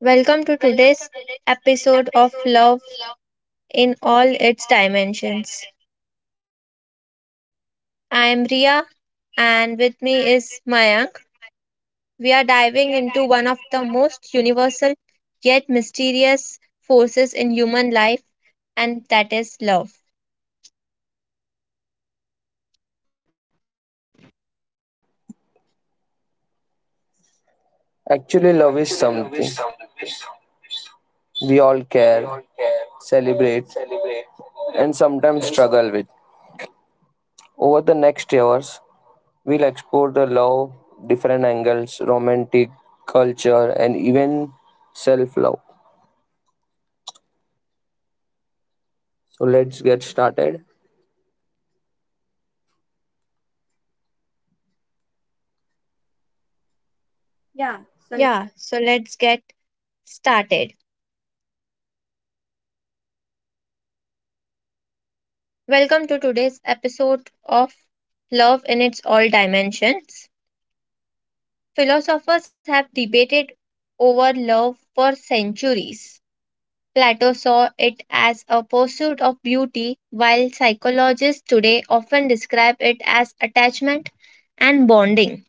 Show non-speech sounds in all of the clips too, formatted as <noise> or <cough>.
Welcome to today's episode of Love in All Its Dimensions. I am Ria and with me is Mayank. We are diving into one of the most universal yet mysterious forces in human life, and that is love. Actually, love is something we all care, celebrate, and sometimes struggle with. Over the next years, we'll explore the love, different angles, romantic, culture, and even self love. So, let's get started. Yeah. So Yeah, so let's get started. Welcome to today's episode of Love in Its All Dimensions. Philosophers have debated over love for centuries. Plato saw it as a pursuit of beauty, while psychologists today often describe it as attachment and bonding.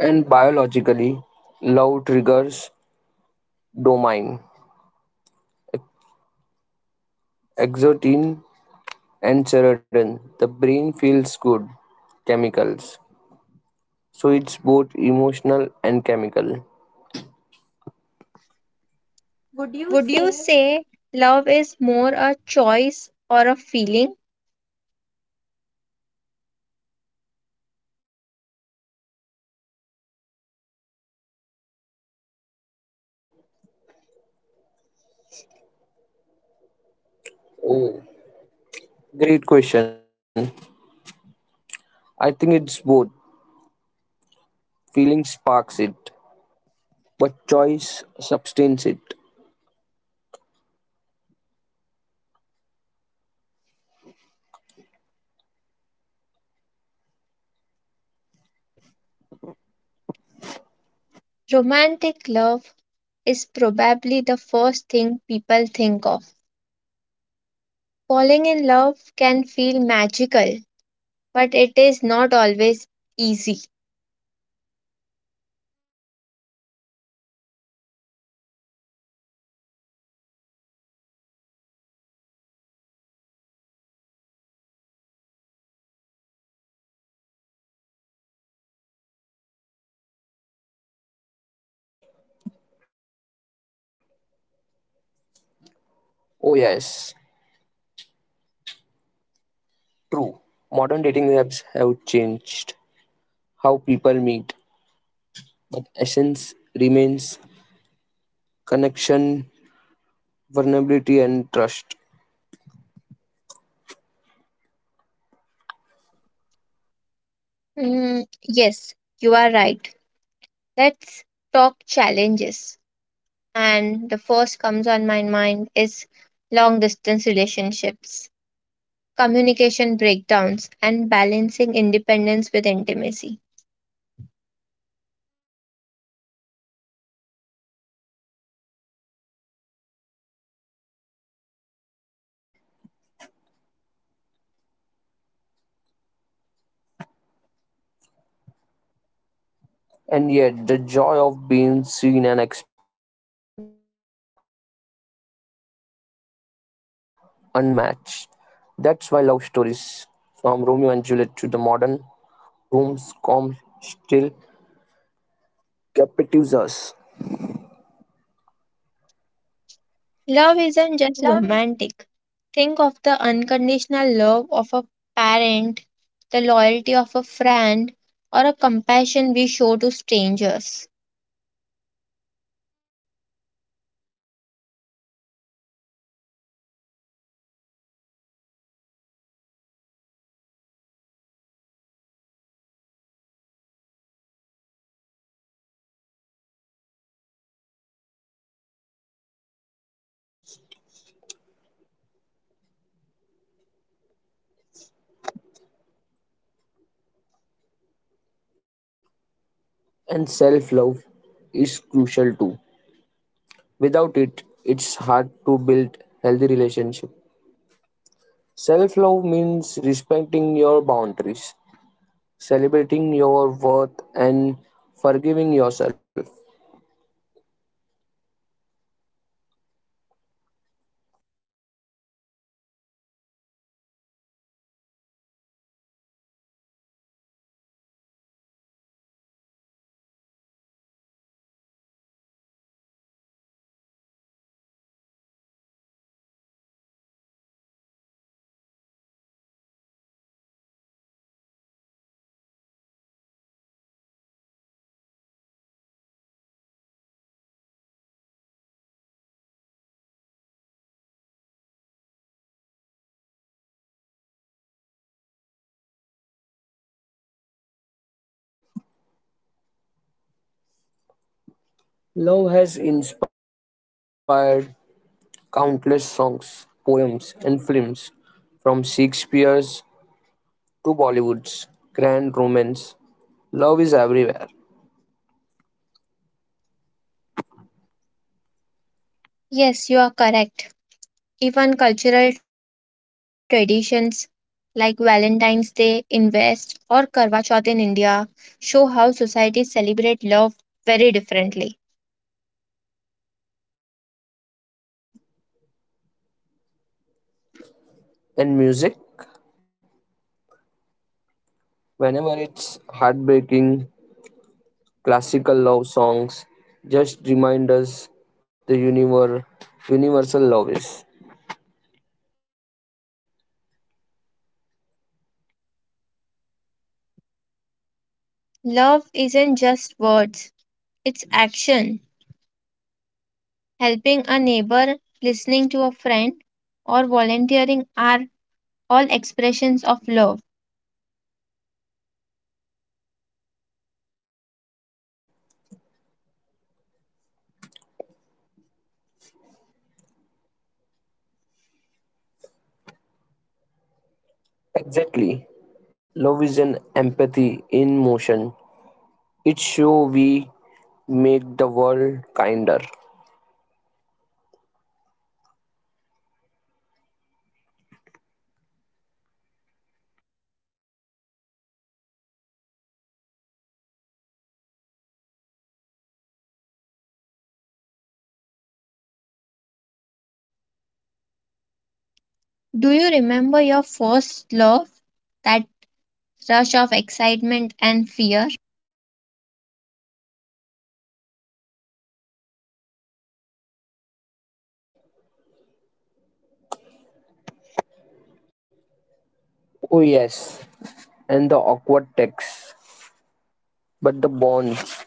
and biologically, love triggers dopamine, exotin, and serotonin. The brain feels good chemicals. So, it's both emotional and chemical. Would you Would you say say love is more a choice or a feeling? great question. I think it's both. Feeling sparks it, but choice sustains it. Romantic love is probably the first thing people think of. Falling in love can feel magical, but it is not always easy. Oh, yes, true. Modern dating apps have changed how people meet, but essence remains connection, vulnerability, and trust. Mm, yes, you are right. Let's talk challenges, and the first comes on my mind is long distance relationships, communication breakdowns, and balancing independence with intimacy. And yet, the joy of being seen and expected by the some unmatched. That's why love stories, from Romeo and Juliet to the modern rooms calm still captivates us. Love Love is isn't just romantic. Think of the unconditional love of a parent, the loyalty of a friend, or a compassion we show to strangers. and self love is crucial too. Without it, it's hard to build healthy relationship. Self love means respecting your boundaries, celebrating your worth, and forgiving yourself. Love has inspired countless songs, poems, and films from Shakespeare's to Bollywood's grand romance. Love is everywhere. Yes, you are correct. Even cultural traditions like Valentine's Day in West or Karva Chauth in India show how societies celebrate love very differently. And music, whenever it's heartbreaking, classical love songs just remind us the universal love is. Love isn't just words, it's action. Helping a neighbor, listening to a friend, or volunteering are all expressions of love. Exactly. Love is an empathy in motion. It show we make the world kinder. Do you remember your first love? That rush of excitement and fear? Oh yes, and the awkward text, but the bonds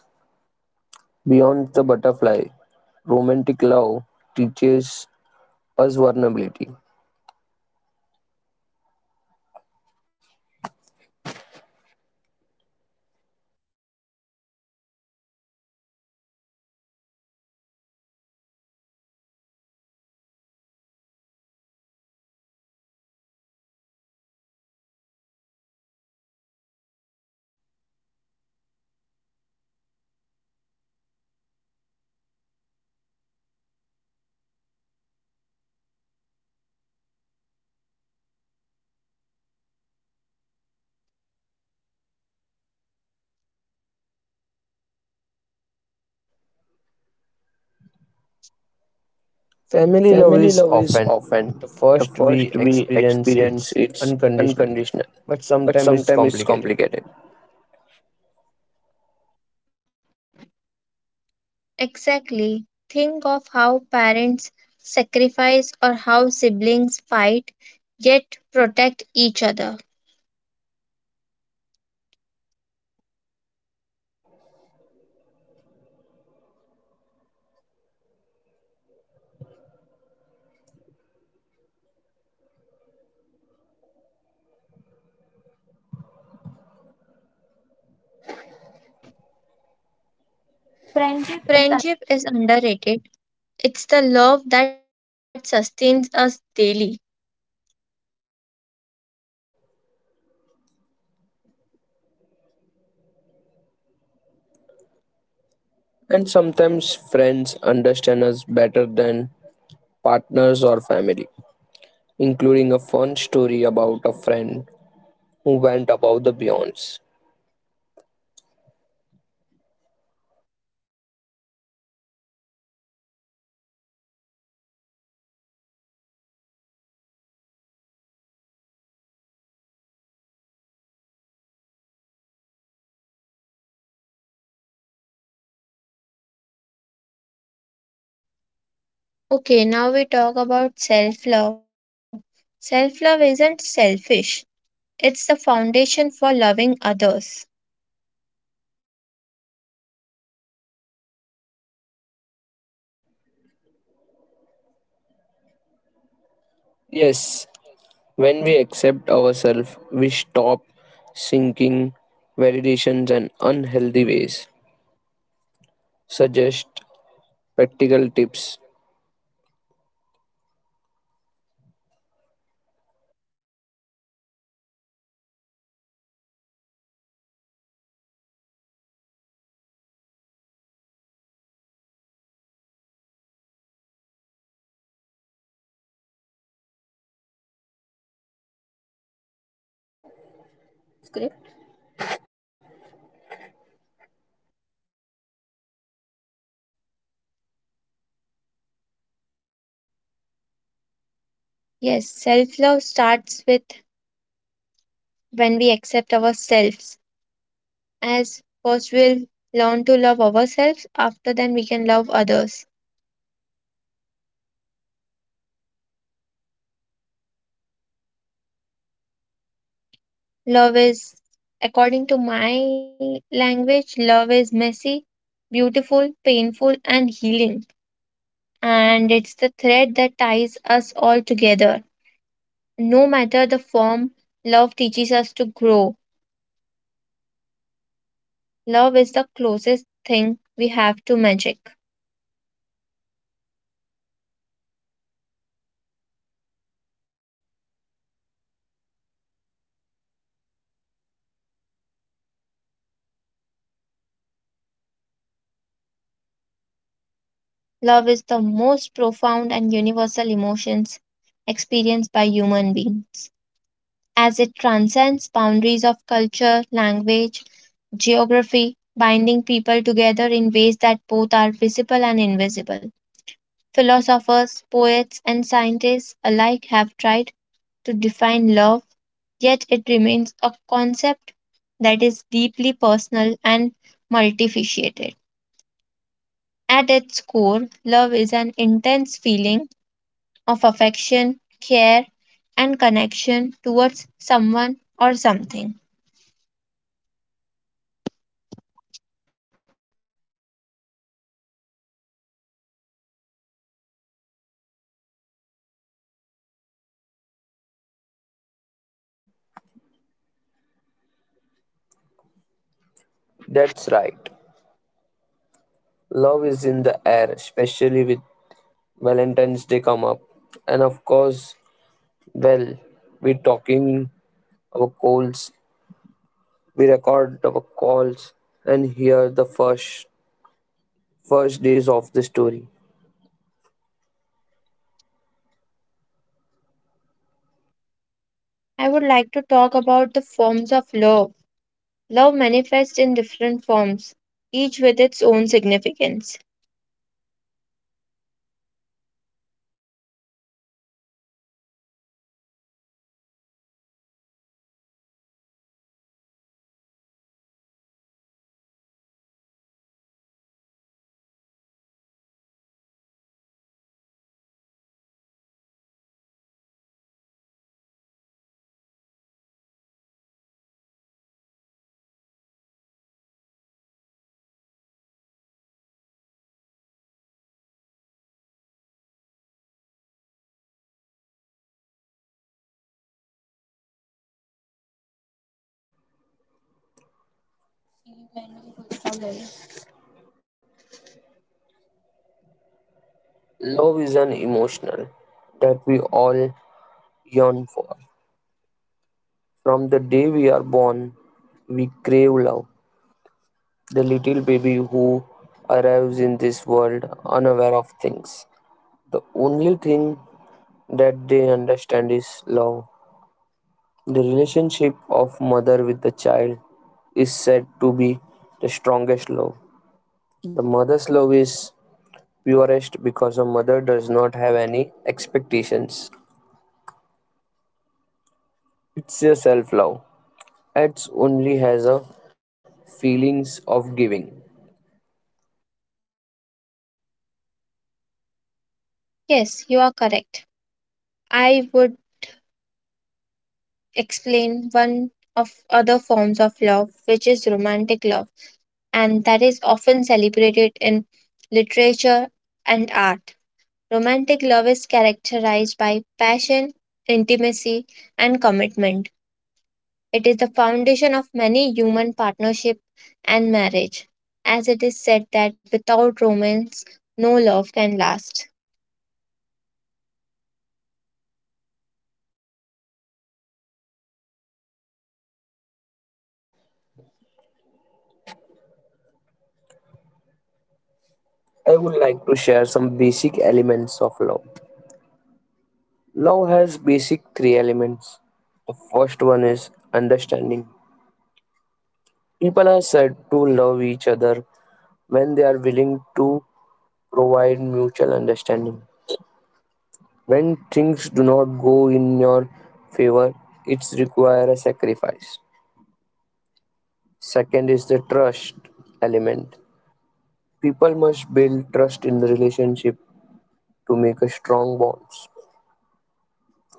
beyond the butterfly. Romantic love teaches us vulnerability. Family love is often the first we experience it's unconditional, but sometimes it's complicated. Exactly. Think of how parents sacrifice or how siblings fight yet protect each other. Friendship Friendship is is a underrated. It's the love that sustains us daily. and sometimes friends understand us better than partners or family, including a fun story about a friend who went above the beyonds. Okay, now we talk about self love. Self love isn't selfish, it's the foundation for loving others. Yes, when we accept ourselves, we stop sinking validations and unhealthy ways. Suggest practical tips. Yes, self love starts with when we accept ourselves. As first, we'll learn to love ourselves, after then, we can love others. Love is, according to my language, love is messy, beautiful, painful, and healing. And it's the thread that ties us all together. No matter the form, love teaches us to grow. Love is the closest thing we have to magic. Love is the most profound and universal emotions experienced by human beings as it transcends boundaries of culture, language, geography, binding people together in ways that both are visible and invisible. Philosophers, poets, and scientists alike have tried to define love, yet it remains a concept that is deeply personal and multifaceted. At its core, love is an intense feeling of affection, care, and connection towards someone or something. That's right. Love is in the air, especially with Valentine's Day come up. And of course, well, we're talking our calls, we record our calls and hear the first days of the story. I would like to talk about the forms of love. Love manifests in different forms, each with its own significance. Love is an emotional that we all yearn for. From the day we are born, we crave love. The little baby who arrives in this world unaware of things. The only thing that they understand is love. The relationship of mother with the child is said to be the strongest love. The mother's love is purest because a mother does not have any expectations. It's a self love. It only has a feelings of giving. Yes, you are correct. I would explain one of other forms of love, which is romantic love, and that is often celebrated in literature and art. Romantic love is characterized by passion, intimacy, and commitment. It is the foundation of many human partnership and marriage, as it is said that without romance, no love can last. I would like to share some basic elements of love. Love has basic three elements. The first one is understanding. People are said to love each other when they are willing to provide mutual understanding. When things do not go in your favor, it requires a sacrifice. Second is the trust element. People must build trust in the relationship to make a strong bonds.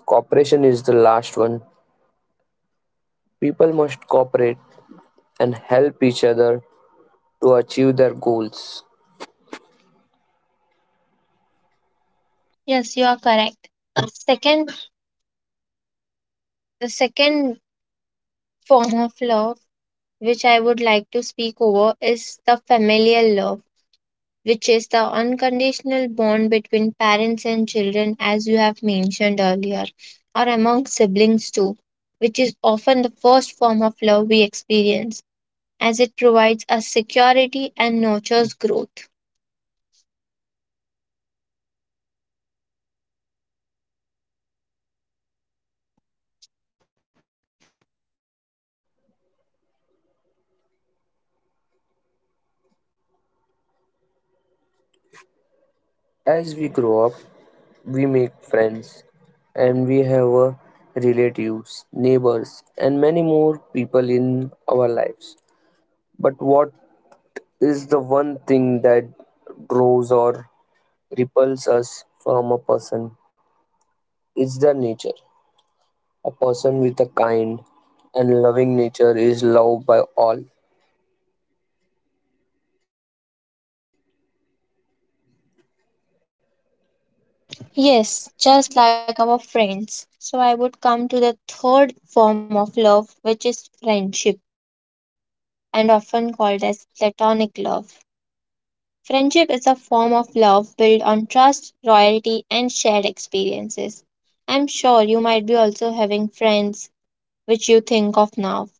Cooperation is the last one. People must cooperate and help each other to achieve their goals. Yes, you are correct. Second, the second form of love which I would like to speak over is the familial love which is the unconditional bond between parents and children, as you have mentioned earlier, or among siblings too, which is often the first form of love we experience, as it provides us security and nurtures growth. As we grow up, we make friends and we have relatives, neighbors, and many more people in our lives. But what is the one thing that draws or repels us from a person? It's their nature. A person with a kind and loving nature is loved by all. Yes, just like our friends. So I would come to the third form of love, which is friendship, and often called as platonic love. Friendship is a form of love built on trust, loyalty, and shared experiences. I'm sure you might be also having friends which you think of now.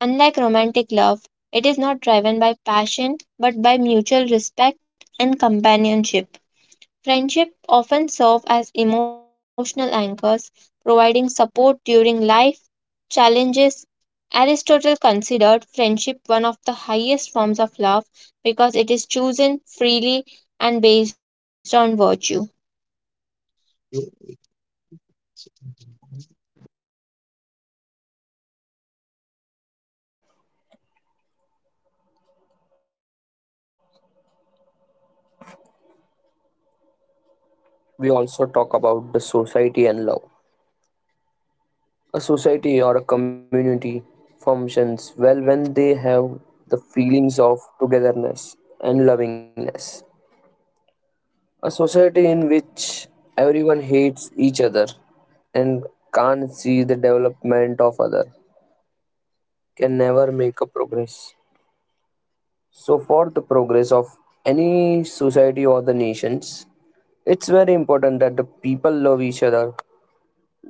Unlike romantic love, it is not driven by passion but by mutual respect and companionship. Friendship often serve as emotional anchors, providing support during life challenges. Aristotle considered friendship one of the highest forms of love because it is chosen freely and based on virtue. We also talk about the society and love. A society or a community functions well when they have the feelings of togetherness and lovingness. A society in which everyone hates each other and can't see the development of other can never make a progress. So for the progress of any society or the nations, it's very important that the people love each other.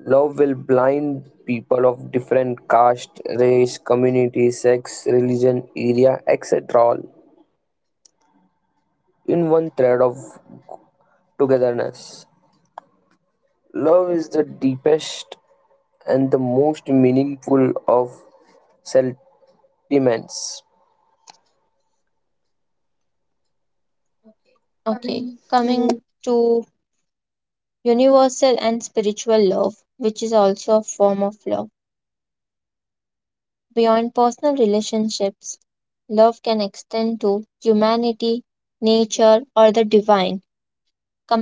Love will blind people of different caste, race, community, sex, religion, area, etc. all in one thread of togetherness. Love is the deepest and the most meaningful of sentiments. Okay, coming to universal and spiritual love, which is also a form of love. Beyond personal relationships, love can extend to humanity, nature, or the divine.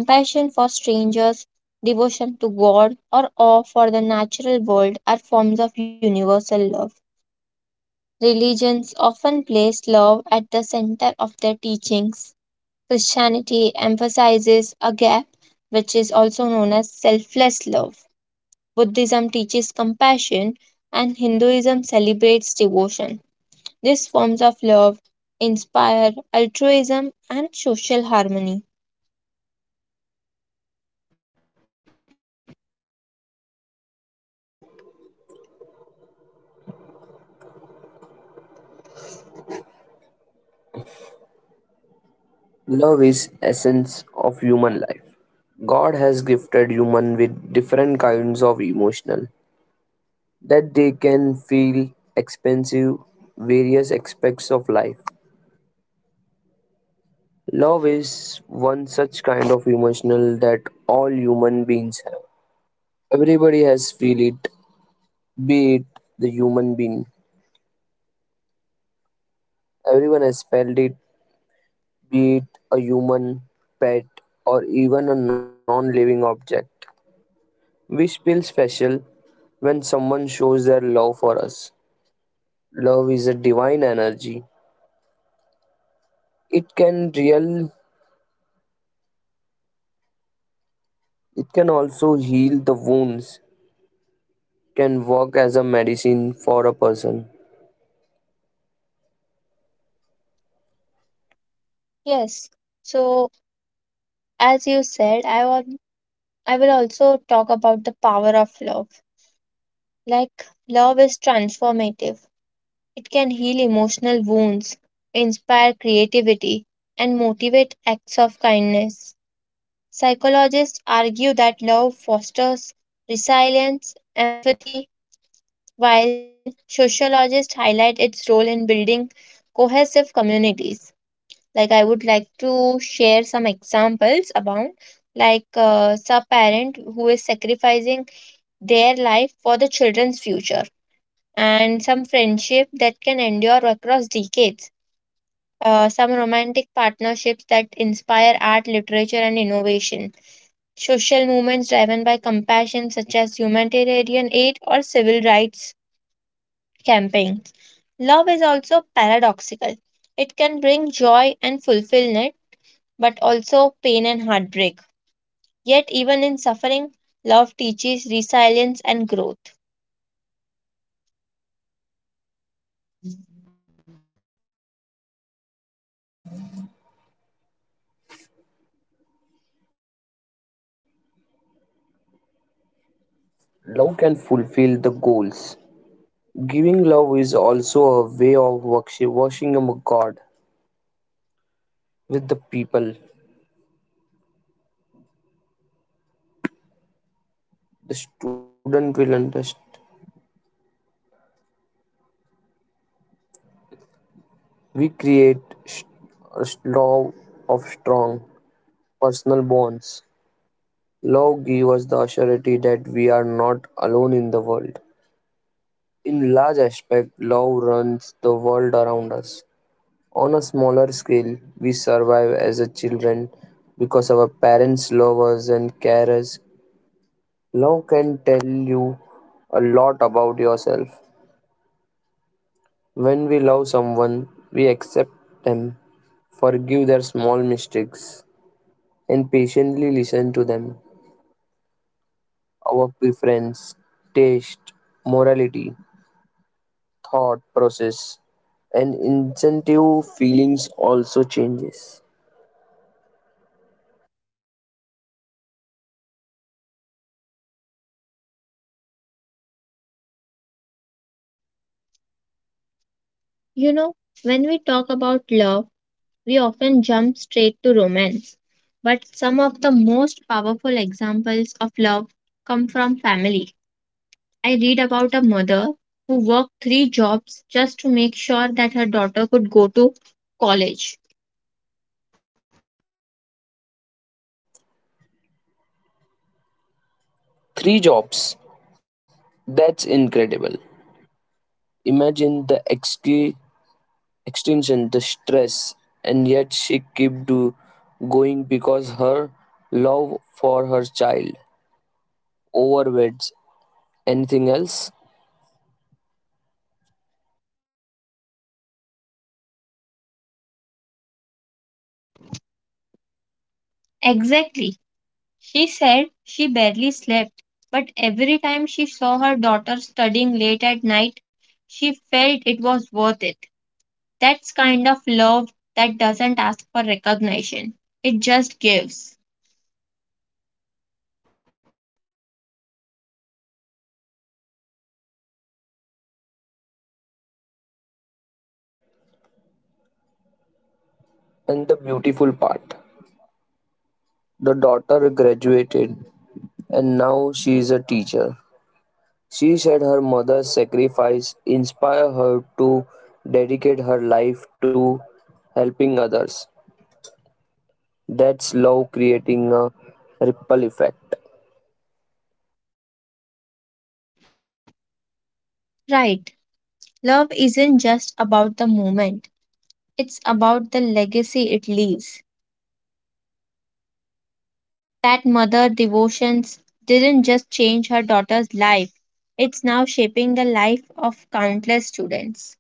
Compassion for strangers, devotion to God, or awe for the natural world are forms of universal love. Religions often place love at the center of their teachings. Christianity emphasizes agape, which is also known as selfless love. Buddhism teaches compassion, and Hinduism celebrates devotion. These forms of love inspire altruism and social harmony. Love is essence of human life. God has gifted human with different kinds of emotional that they can feel expensive various aspects of life. Love is one such kind of emotional that all human beings have. Everybody has feel it, be it the human being. Everyone has felt it, be it a human, pet, or even a non-living object. We feel special when someone shows their love for us. Love is a divine energy. It can real it can also heal the wounds can work as a medicine for a person. Yes, so as you said, I will also talk about the power of love. Like love is transformative. It can heal emotional wounds, inspire creativity, and motivate acts of kindness. Psychologists argue that love fosters resilience, empathy, while sociologists highlight its role in building cohesive communities. Like, I would like to share some examples about, like, a parent who is sacrificing their life for the children's future and some friendship that can endure across decades. Some romantic partnerships that inspire art, literature, and innovation, social movements driven by compassion, such as humanitarian aid or civil rights campaigns. Love is also paradoxical. It can bring joy and fulfillment, but also pain and heartbreak. Yet, even in suffering, love teaches resilience and growth. Love can fulfill the goals. Giving love is also a way of worship, washing a God with the people. The student will understand. We create st- a love of strong personal bonds. Love gives us the surety that we are not alone in the world. In large aspect, love runs the world around us. On a smaller scale, we survive as a children because our parents love us and care us. Love can tell you a lot about yourself. When we love someone, we accept them, forgive their small mistakes, and patiently listen to them. Our preference, taste, morality, thought process, and incentive feelings also changes. You know, when we talk about love, we often jump straight to romance. But some of the most powerful examples of love come from family. I read about a mother who worked 3 jobs just to make sure that her daughter could go to college. Three jobs. That's incredible. Imagine the extension, the stress, and yet she kept going because her love for her child overweighs anything else. Exactly. She said she barely slept, but every time she saw her daughter studying late at night, she felt it was worth it. That's kind of love that doesn't ask for recognition, it just gives. And the beautiful part the daughter graduated and now she is a teacher. She said her mother's sacrifice inspired her to dedicate her life to helping others. That's love creating a ripple effect. Right. Love isn't just about the moment, it's about the legacy it leaves. That mother devotions didn't just change her daughter's life, it's now shaping the life of countless students.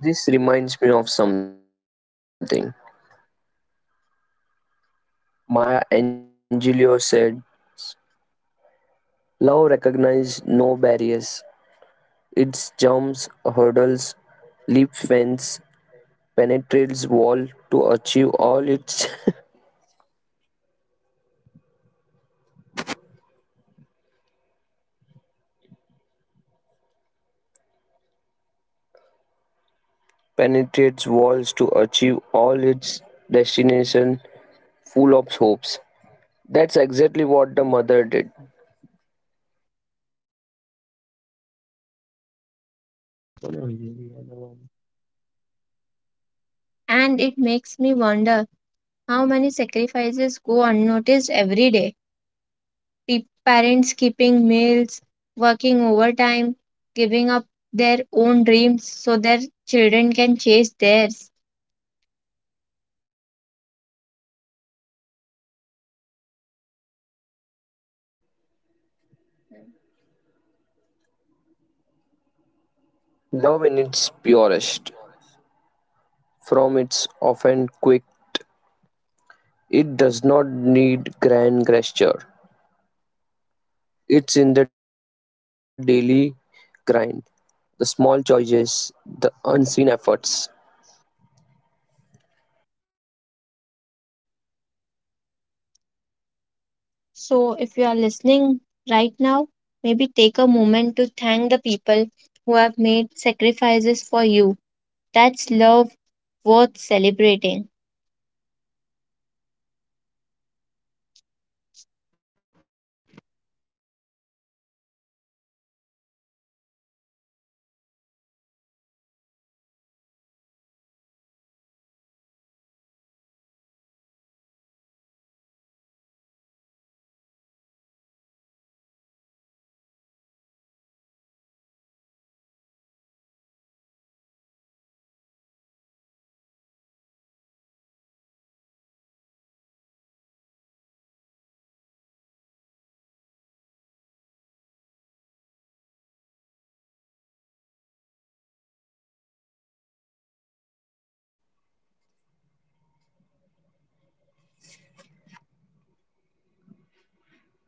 This reminds me of something Maya Angelou said love recognizes no barriers. It jumps hurdles, leaps fence, penetrates wall to achieve all its <laughs> penetrates walls to achieve all its destination full of hopes. That's exactly what the mother did. And it makes me wonder how many sacrifices go unnoticed every day. Parents keeping meals, working overtime, giving up their own dreams so their children can chase theirs. Love in its purest, from its often quick, it does not need grand gesture. It's in the daily grind, the small choices, the unseen efforts. So, if you are listening right now, maybe take a moment to thank the people who have made sacrifices for you. That's love worth celebrating.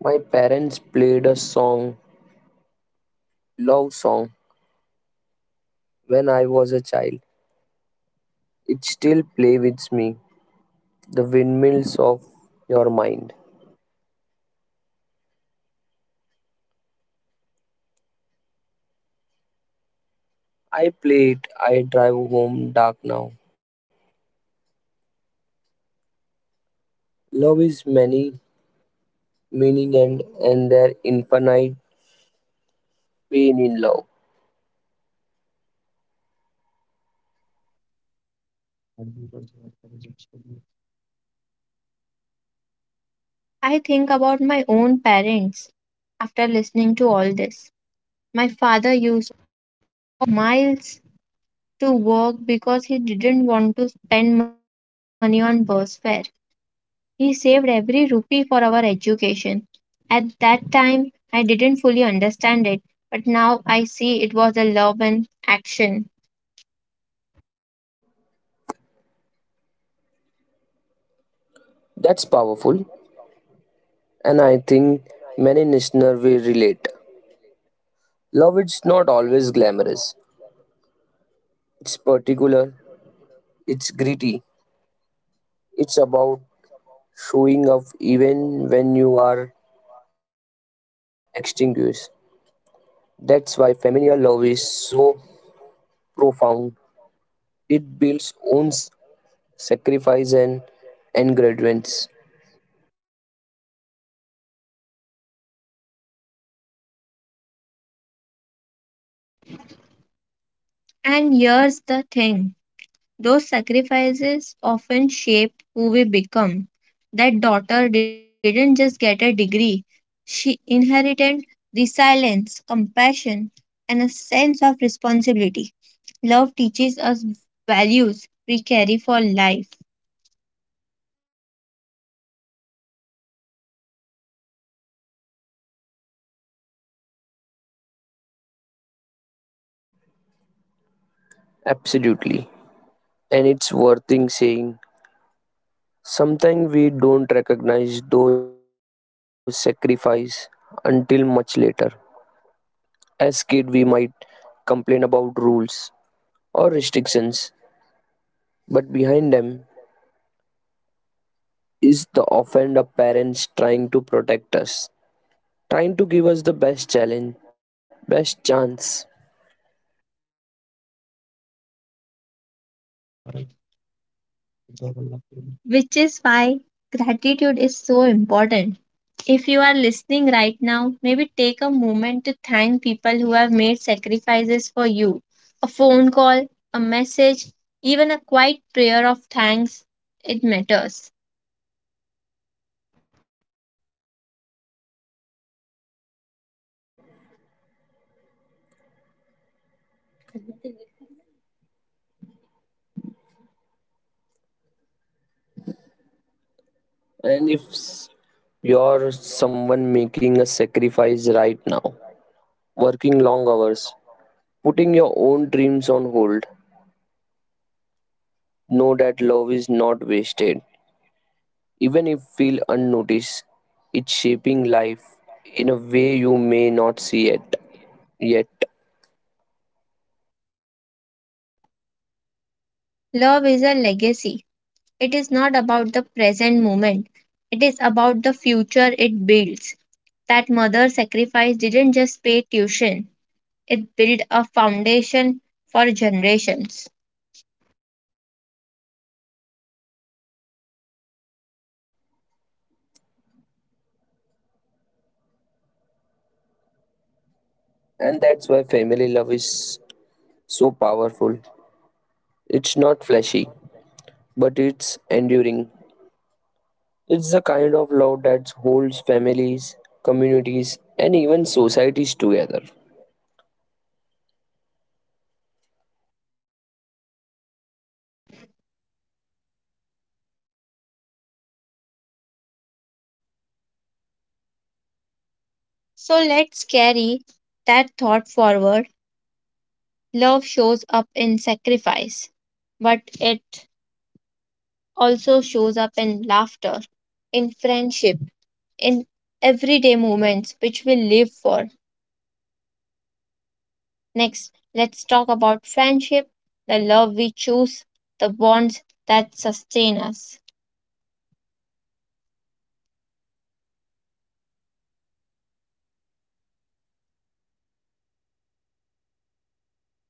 My parents played a song, love song, when I was a child. It still play with me, the windmills of your mind. I play it, I drive home dark now. Love is many meaning and their infinite pain in love. I think about my own parents after listening to all this. My father used miles to work because he didn't want to spend money on bus fare. He saved every rupee for our education. At that time, I didn't fully understand it, but now I see it was a love and action. That's powerful, and I think many listeners will relate. Love it's not always glamorous. It's particular, it's gritty, it's about showing up even when you are extinguished. That's why familial love is so profound. It builds own sacrifice and engagements. And here's the thing, those sacrifices often shape who we become. That daughter didn't just get a degree, she inherited resilience, compassion, and a sense of responsibility. Love teaches us values we carry for life. Absolutely. And it's worth in saying. Sometimes we don't recognize those sacrifices until much later. As kids, we might complain about rules or restrictions, but behind them is the offender parents trying to protect us, trying to give us the best challenge, best chance. Which is why gratitude is so important. If you are listening right now, maybe take a moment to thank people who have made sacrifices for you. A phone call, a message, even a quiet prayer of thanks, it matters. Doing. And if s- you're someone making a sacrifice right now, working long hours, putting your own dreams on hold, know that love is not wasted. Even if feel unnoticed, it's shaping life in a way you may not see it yet. Love is a legacy. It is not about the present moment, it is about the future it builds. That mother sacrifice didn't just pay tuition, it built a foundation for generations. And that's why family love is so powerful. It's not flashy, but it's enduring. It's the kind of love that holds families, communities, and even societies together. So let's carry that thought forward. Love shows up in sacrifice, but it also shows up in laughter, in friendship, in everyday moments which we live for. Next, let's talk about friendship, the love we choose, the bonds that sustain us.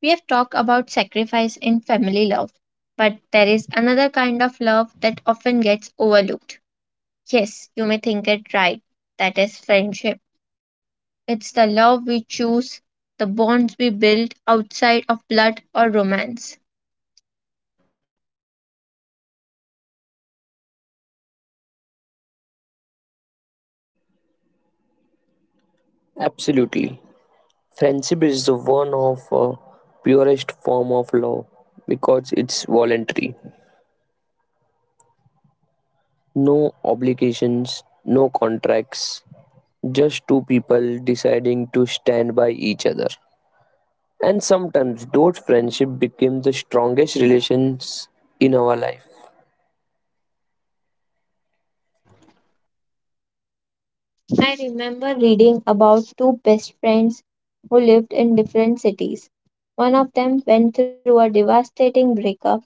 We have talked about sacrifice in family love, but there is another kind of love that often gets overlooked. Yes, you may think it right. That is friendship. It's the love we choose, the bonds we build outside of blood or romance. Absolutely. Friendship is the one of purest form of love because it's voluntary. No obligations, no contracts, just two people deciding to stand by each other. And sometimes those friendships become the strongest relations in our life. I remember reading about two best friends who lived in different cities. One of them went through a devastating breakup,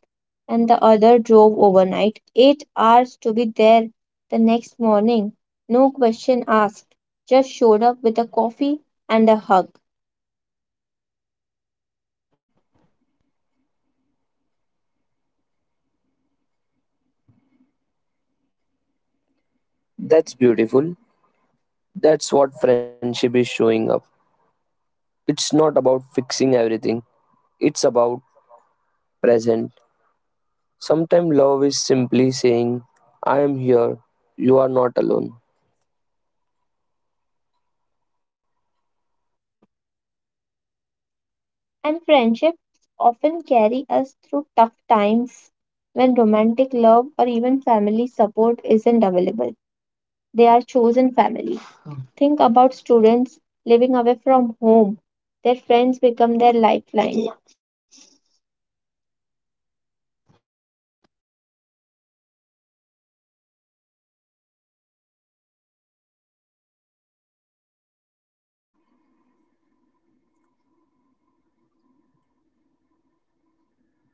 and the other drove overnight, 8 hours to be there the next morning. No question asked, just showed up with a coffee and a hug. That's beautiful. That's what friendship is showing up. It's not about fixing everything, it's about present. Sometimes love is simply saying, I am here, you are not alone. And friendships often carry us through tough times when romantic love or even family support isn't available. They are chosen family. Think about students living away from home. Their friends become their lifeline.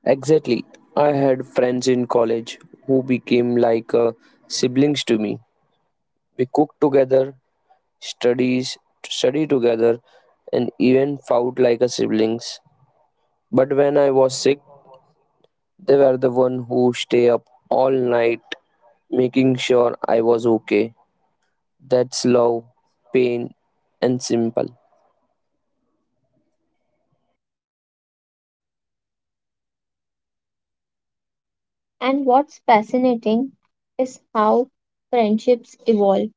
Exactly. I had friends in college who became like siblings to me. We cooked together, studies, study together, and even fought like a siblings. But when I was sick, they were the one who stay up all night making sure I was okay. That's love, pain, and simple. And what's fascinating is how friendships evolve.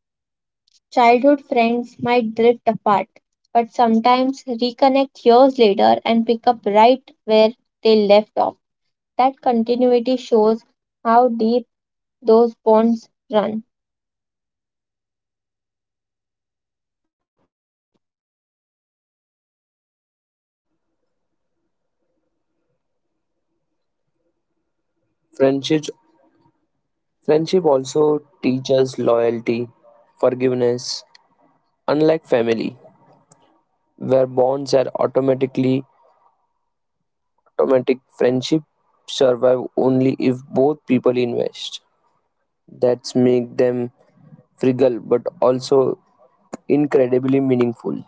Childhood friends might drift apart, but sometimes reconnect years later and pick up right where they left off. That continuity shows how deep those bonds run. Friendship, friendship also teaches loyalty, forgiveness. Unlike family, where bonds are automatic, friendship survive only if both people invest. That's make them fragile but also incredibly meaningful.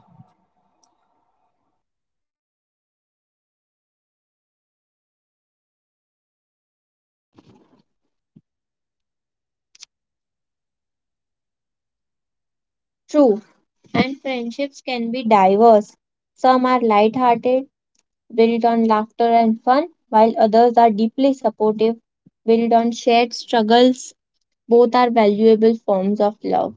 True, and friendships can be diverse. Some are light-hearted, built on laughter and fun, while others are deeply supportive, built on shared struggles. Both are valuable forms of love.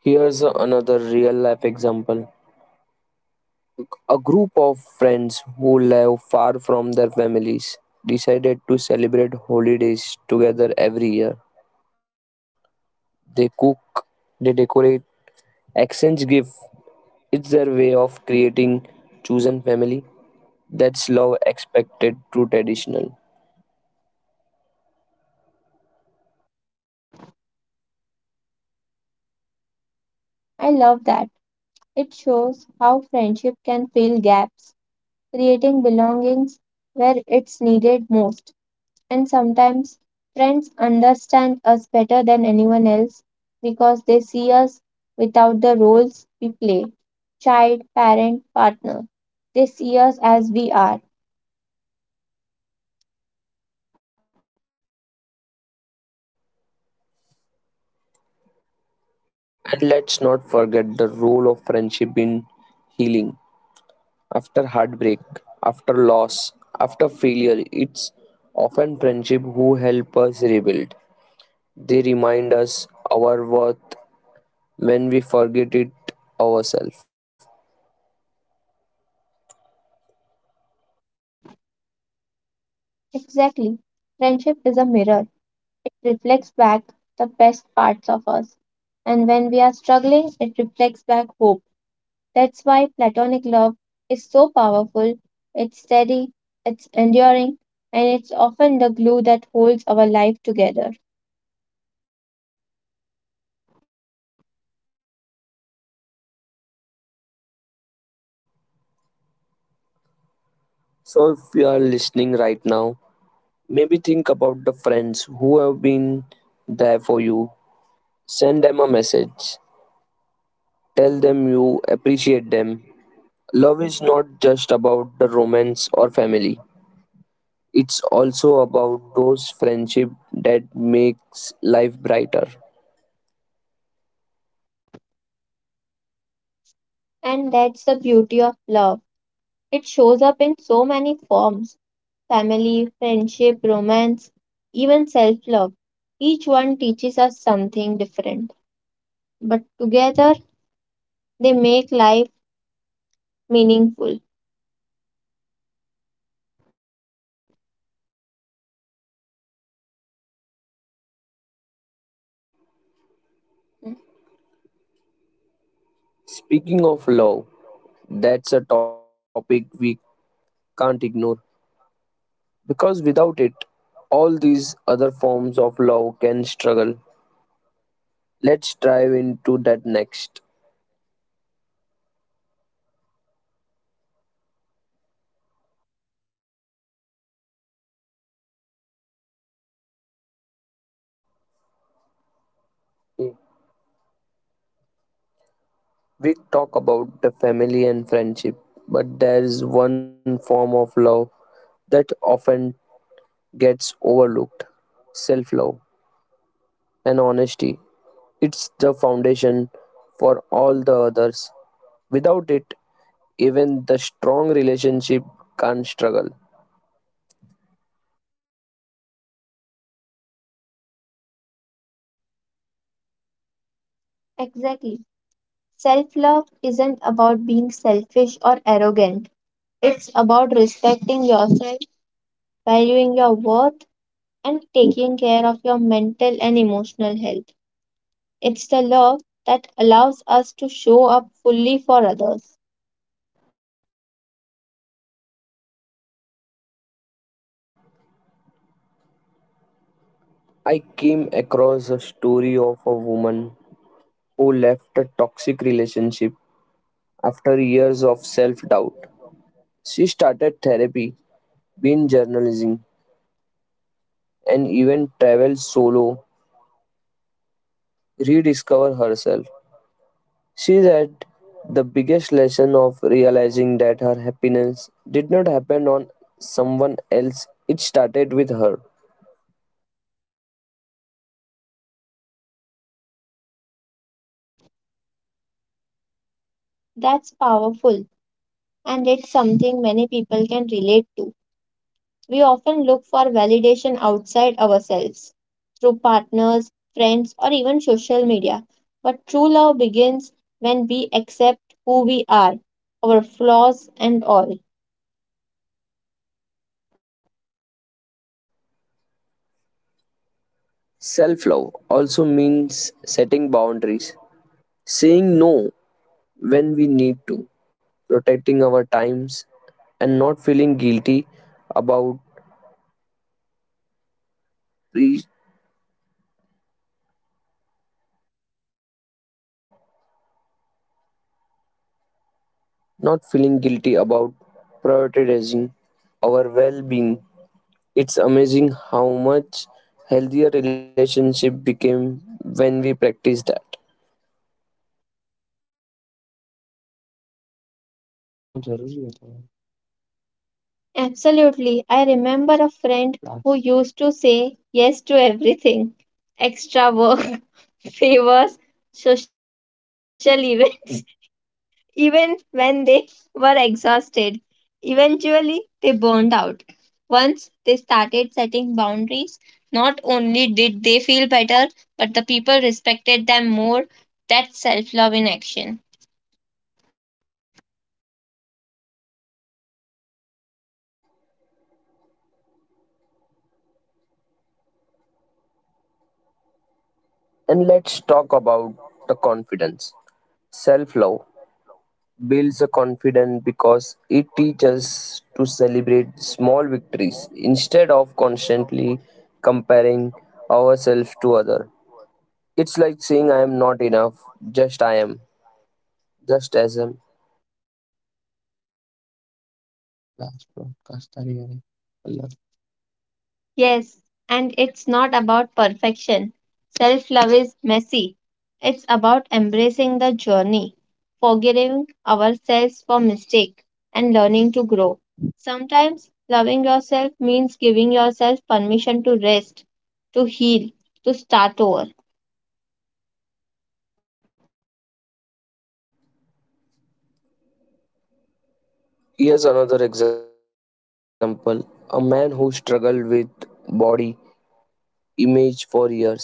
Here's another real life example. A group of friends who live far from their families decided to celebrate holidays together every year. They cook, they decorate, exchange gifts. It's their way of creating chosen family that's love expected through traditional. I love that. It shows how friendship can fill gaps, creating belongings where it's needed most. And sometimes friends understand us better than anyone else because they see us without the roles we play child, parent, partner. They see us as we are. And let's not forget the role of friendship in healing. After heartbreak, after loss, after failure, it's often friendship who help us rebuild. They remind us our worth when we forget it ourselves. Exactly. Friendship is a mirror, it reflects back the best parts of us. And when we are struggling, it reflects back hope. That's why platonic love is so powerful. It's steady, it's enduring, and it's often the glue that holds our life together. So, if you are listening right now, maybe think about the friends who have been there for you. Send them a message. Tell them you appreciate them. Love is not just about the romance or family. It's also about those friendship that makes life brighter. And that's the beauty of love. It shows up in so many forms family, friendship, romance, even self love. Each one teaches us something different, but together they make life meaningful. Speaking of love, that's a topic we can't ignore. Because without it, all these other forms of love can struggle. Let's dive into that next. We talk about the family and friendship, but there is one form of love that often gets overlooked self love and honesty. It's the foundation for all the others. Without it, even the strong relationship can struggle. Exactly. Self love isn't about being selfish or arrogant, it's about respecting yourself, valuing your worth, and taking care of your mental and emotional health. It's the love that allows us to show up fully for others. I came across a story of a woman who left a toxic relationship after years of self doubt. She started therapy, been journalism, and even traveled solo, rediscover herself. She said, the biggest lesson of realizing that her happiness did not happen on someone else, it started with her. That's powerful, and it's something many people can relate to. We often look for validation outside ourselves, through partners, friends, or even social media. But true love begins when we accept who we are, our flaws, and all. Self love also means setting boundaries, saying no when we need to, protecting our times and not feeling guilty about pre- not feeling guilty about prioritizing our well-being. It's amazing how much healthier relationship became when we practiced that. Absolutely. I remember a friend who used to say yes to everything, extra work, favors, social events, <laughs> even when they were exhausted. Eventually, they burned out. Once they started setting boundaries, not only did they feel better, but the people respected them more. That's self love in action. And let's talk about the confidence, self-love builds a confidence because it teaches to celebrate small victories instead of constantly comparing ourselves to other. It's like saying I am not enough, just I am just as am. Yes, and it's not about perfection. Self love is messy. It's about embracing the journey, forgiving ourselves for mistakes, and learning to grow. Sometimes loving yourself means giving yourself permission to rest, to heal, to start over. Here's another example, a man who struggled with body image for years.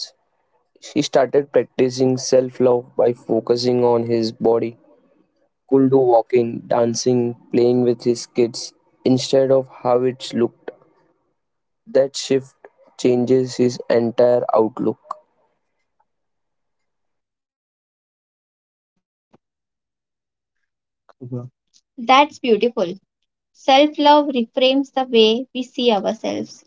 He started practicing self-love by focusing on his body could do walking dancing playing with his kids instead of how it looked. That shift changes his entire outlook. That's beautiful. Self love reframes the way we see ourselves.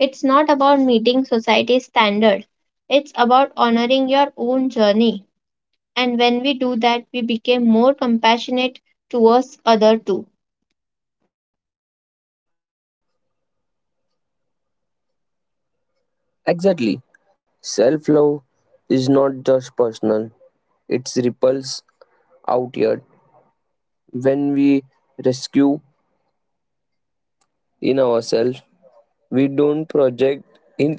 It's not about meeting society's standard, it's about honoring your own journey. And when we do that, we become more compassionate towards other too. Exactly. Self love is not just personal, it ripples outward. When we rescue in ourselves, we don't project in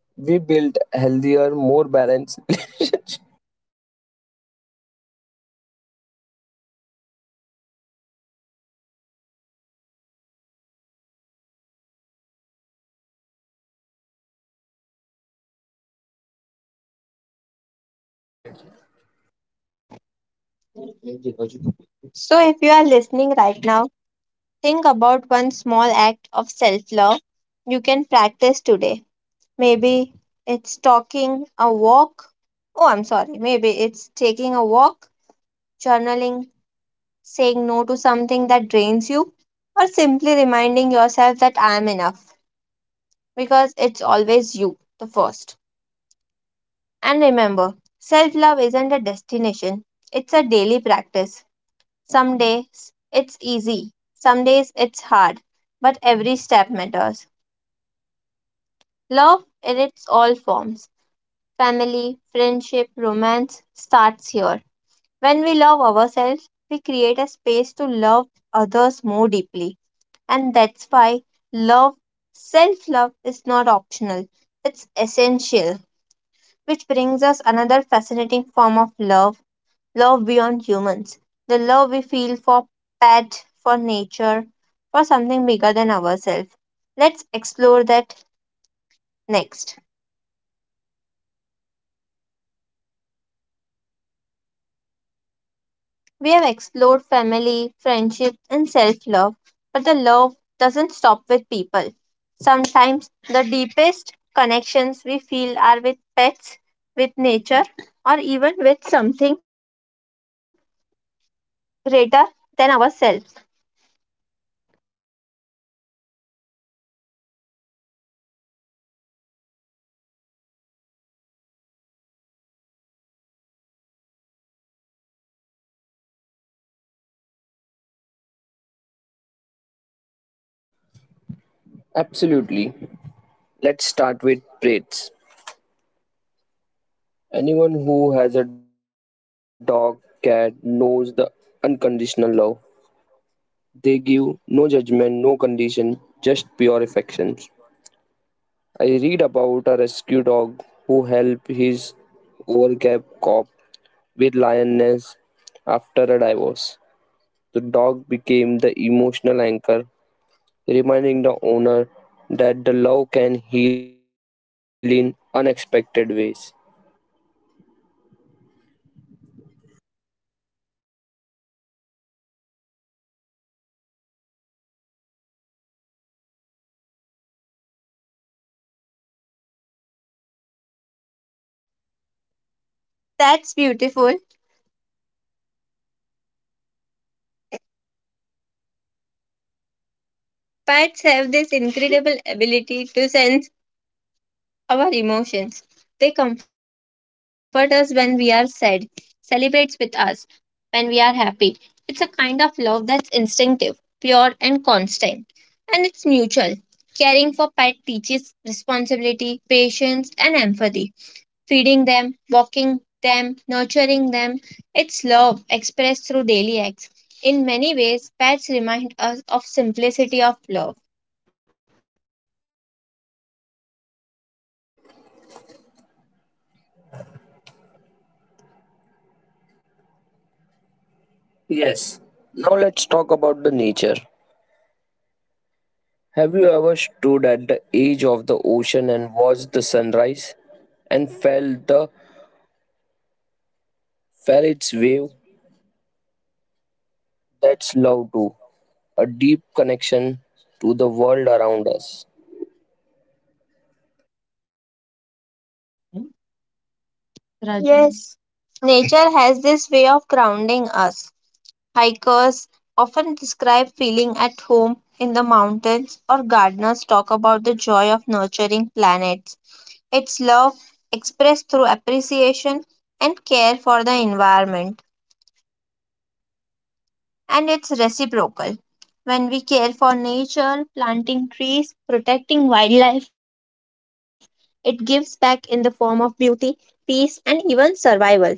<laughs> we build healthier, more balanced <laughs> relationships. No toilet. So, if you are listening right now, think about one small act of self love you can practice today. Maybe it's talking a walk. Oh, I'm sorry. Maybe it's taking a walk, journaling, saying no to something that drains you, or simply reminding yourself that I am enough, because it's always you, the first. And remember, self love isn't a destination, it's a daily practice. Some days it's easy, some days it's hard, but every step matters. Love in its all forms, family, friendship, romance, starts here. When we love ourselves, we create a space to love others more deeply. And that's why love, self love, is not optional, it's essential. Which brings us another fascinating form of love, love beyond humans, the love we feel for pet, for nature, for something bigger than ourselves. Let's explore that next. We have explored family, friendship, and self love, but the love doesn't stop with people. Sometimes the deepest connections we feel are with pets, with nature, or even with something greater than ourselves. Absolutely. Let's start with traits. Anyone who has a dog, cat knows the unconditional love. They give no judgment, no condition, just pure affections. I read about a rescue dog who helped his overcap cop with lioness after a divorce. The dog became the emotional anchor, reminding the owner that the love can heal in unexpected ways. That's beautiful. Pets have this incredible ability to sense our emotions. They comfort us when we are sad, celebrates with us when we are happy. It's a kind of love that's instinctive, pure, and constant, and it's mutual. Caring for pet teaches responsibility, patience, and empathy. Feeding them, walking them, nurturing them, it's love expressed through daily acts. In many ways, pets remind us of simplicity of love. Yes. Now let's talk about the nature. Have you ever stood at the edge of the ocean and watched the sunrise and felt the Ferrets wave, that's love too, a deep connection to the world around us. Rajni. Yes, nature has this way of grounding us. Hikers often describe feeling at home in the mountains, or gardeners talk about the joy of nurturing plants. It's love expressed through appreciation and care for the environment, and it's reciprocal. When we care for nature, planting trees, protecting wildlife, it gives back in the form of beauty, peace, and even survival.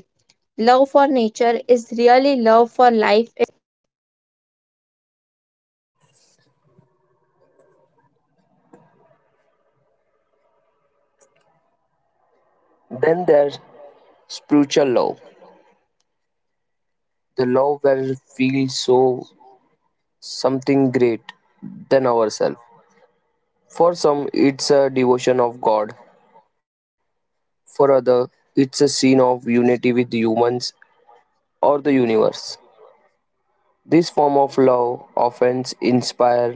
Love for nature is really love for life. Then there's spiritual love, the love where we feel so something great than ourselves. For some, it's a devotion of God. For other, it's a scene of unity with humans or the universe. This form of love often inspires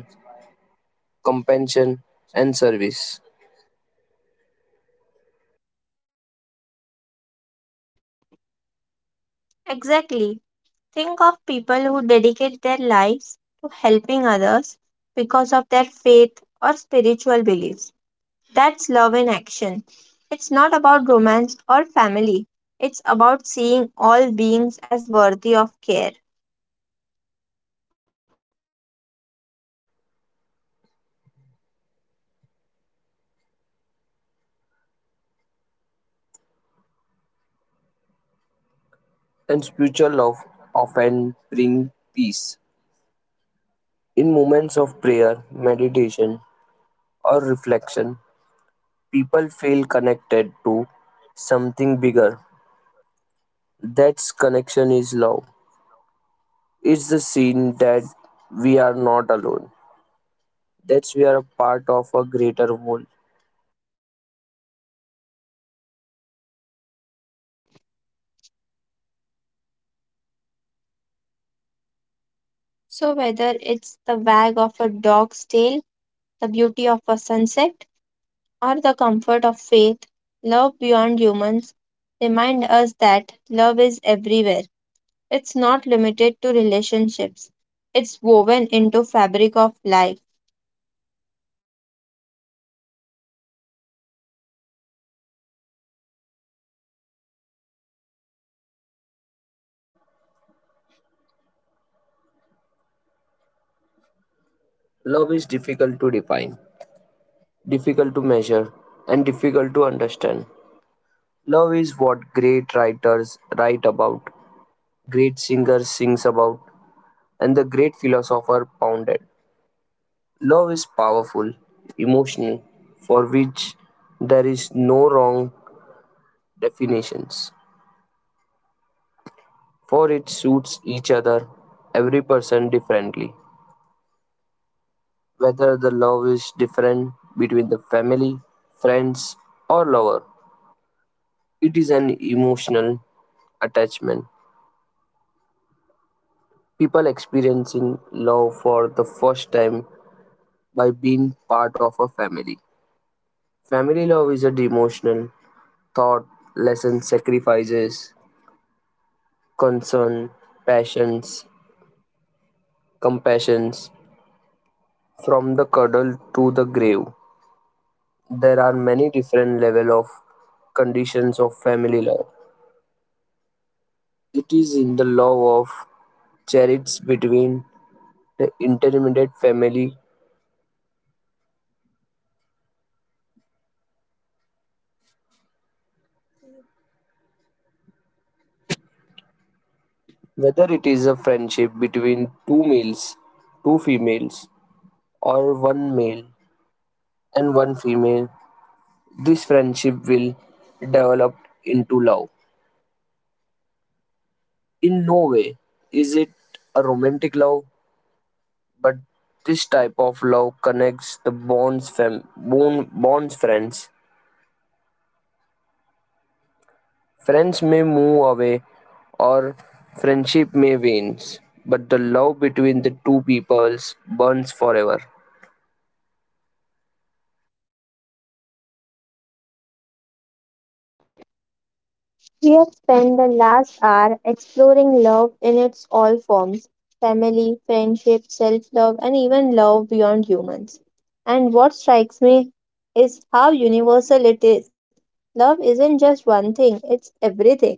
compassion and service, Exactly. Think of people who dedicate their lives to helping others because of their faith or spiritual beliefs. That's love in action. It's not about romance or family, it's about seeing all beings as worthy of care. and spiritual love often brings peace. In moments of prayer, meditation, or reflection, people feel connected to something bigger. That connection is love. It's the scene that we are not alone, that we are a part of a greater whole. So, whether it's the wag of a dog's tail, the beauty of a sunset, or the comfort of faith, love beyond humans remind us that love is everywhere. It's not limited to relationships. It's woven into fabric of life. Love is difficult to define, difficult to measure, and difficult to understand. Love is what great writers write about, great singers sings about, and the great philosopher pounded. Love is powerful, emotional, for which there is no wrong definitions. For it suits each other, every person differently. Whether the love is different between the family, friends, or lover, it is an emotional attachment. People experiencing love for the first time by being part of a family. Family love is a devotional, thought, lesson, sacrifices, concern, passions, compassions, from the cuddle to the grave. There are many different level of conditions of family love. It is in the love of chariots between the intermediate family, whether it is a friendship between two males, two females, or one male and one female. This friendship will develop into love. In no way is it a romantic love. But this type of love connects the bonds bond, bonds friends. Friends may move away or friendship may wane, but the love between the two peoples burns forever. We have spent the last hour exploring love in its all forms, family, friendship, self love, and even love beyond humans. And what strikes me is how universal it is. Love isn't just one thing, it's everything.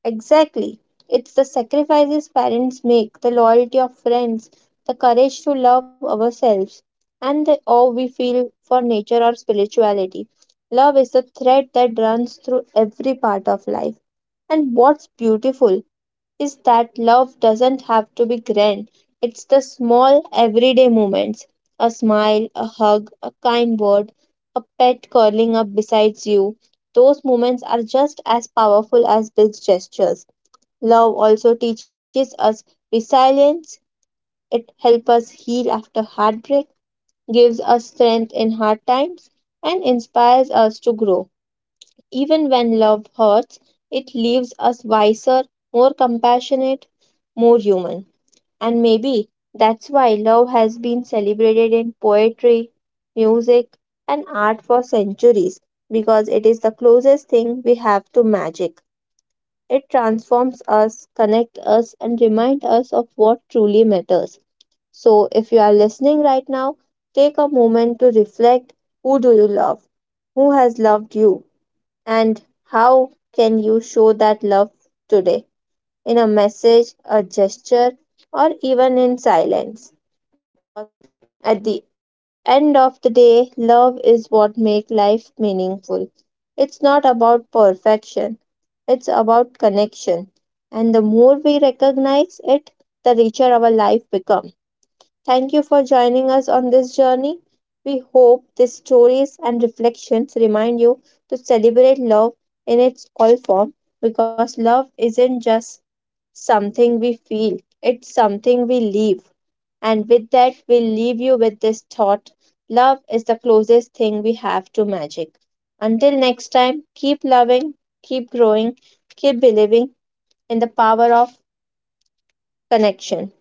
Exactly. It's the sacrifices parents make, the loyalty of friends, the courage to love ourselves, and the awe we feel for nature or spirituality. Love is the thread that runs through every part of life. And what's beautiful is that love doesn't have to be grand, it's the small, everyday moments, a smile, a hug, a kind word, a pet curling up beside you. Those moments are just as powerful as big gestures. Love also teaches us resilience. It helps us heal after heartbreak, gives us strength in hard times, and inspires us to grow. Even when love hurts, it leaves us wiser, more compassionate, more human. And maybe that's why love has been celebrated in poetry, music, and art for centuries, because it is the closest thing we have to magic. It transforms us, connects us, and reminds us of what truly matters. So, if you are listening right now, take a moment to reflect. Who do you love? Who has loved you? And how can you show that love today? In a message, a gesture, or even in silence. At the end of the day, love is what makes life meaningful. It's not about perfection, it's about connection. And the more we recognize it, the richer our life becomes. Thank you for joining us on this journey. We hope these stories and reflections remind you to celebrate love in its all form, because love isn't just something we feel, it's something we live. And with that, we'll leave you with this thought, love is the closest thing we have to magic. Until next time, keep loving, keep growing, keep believing in the power of connection.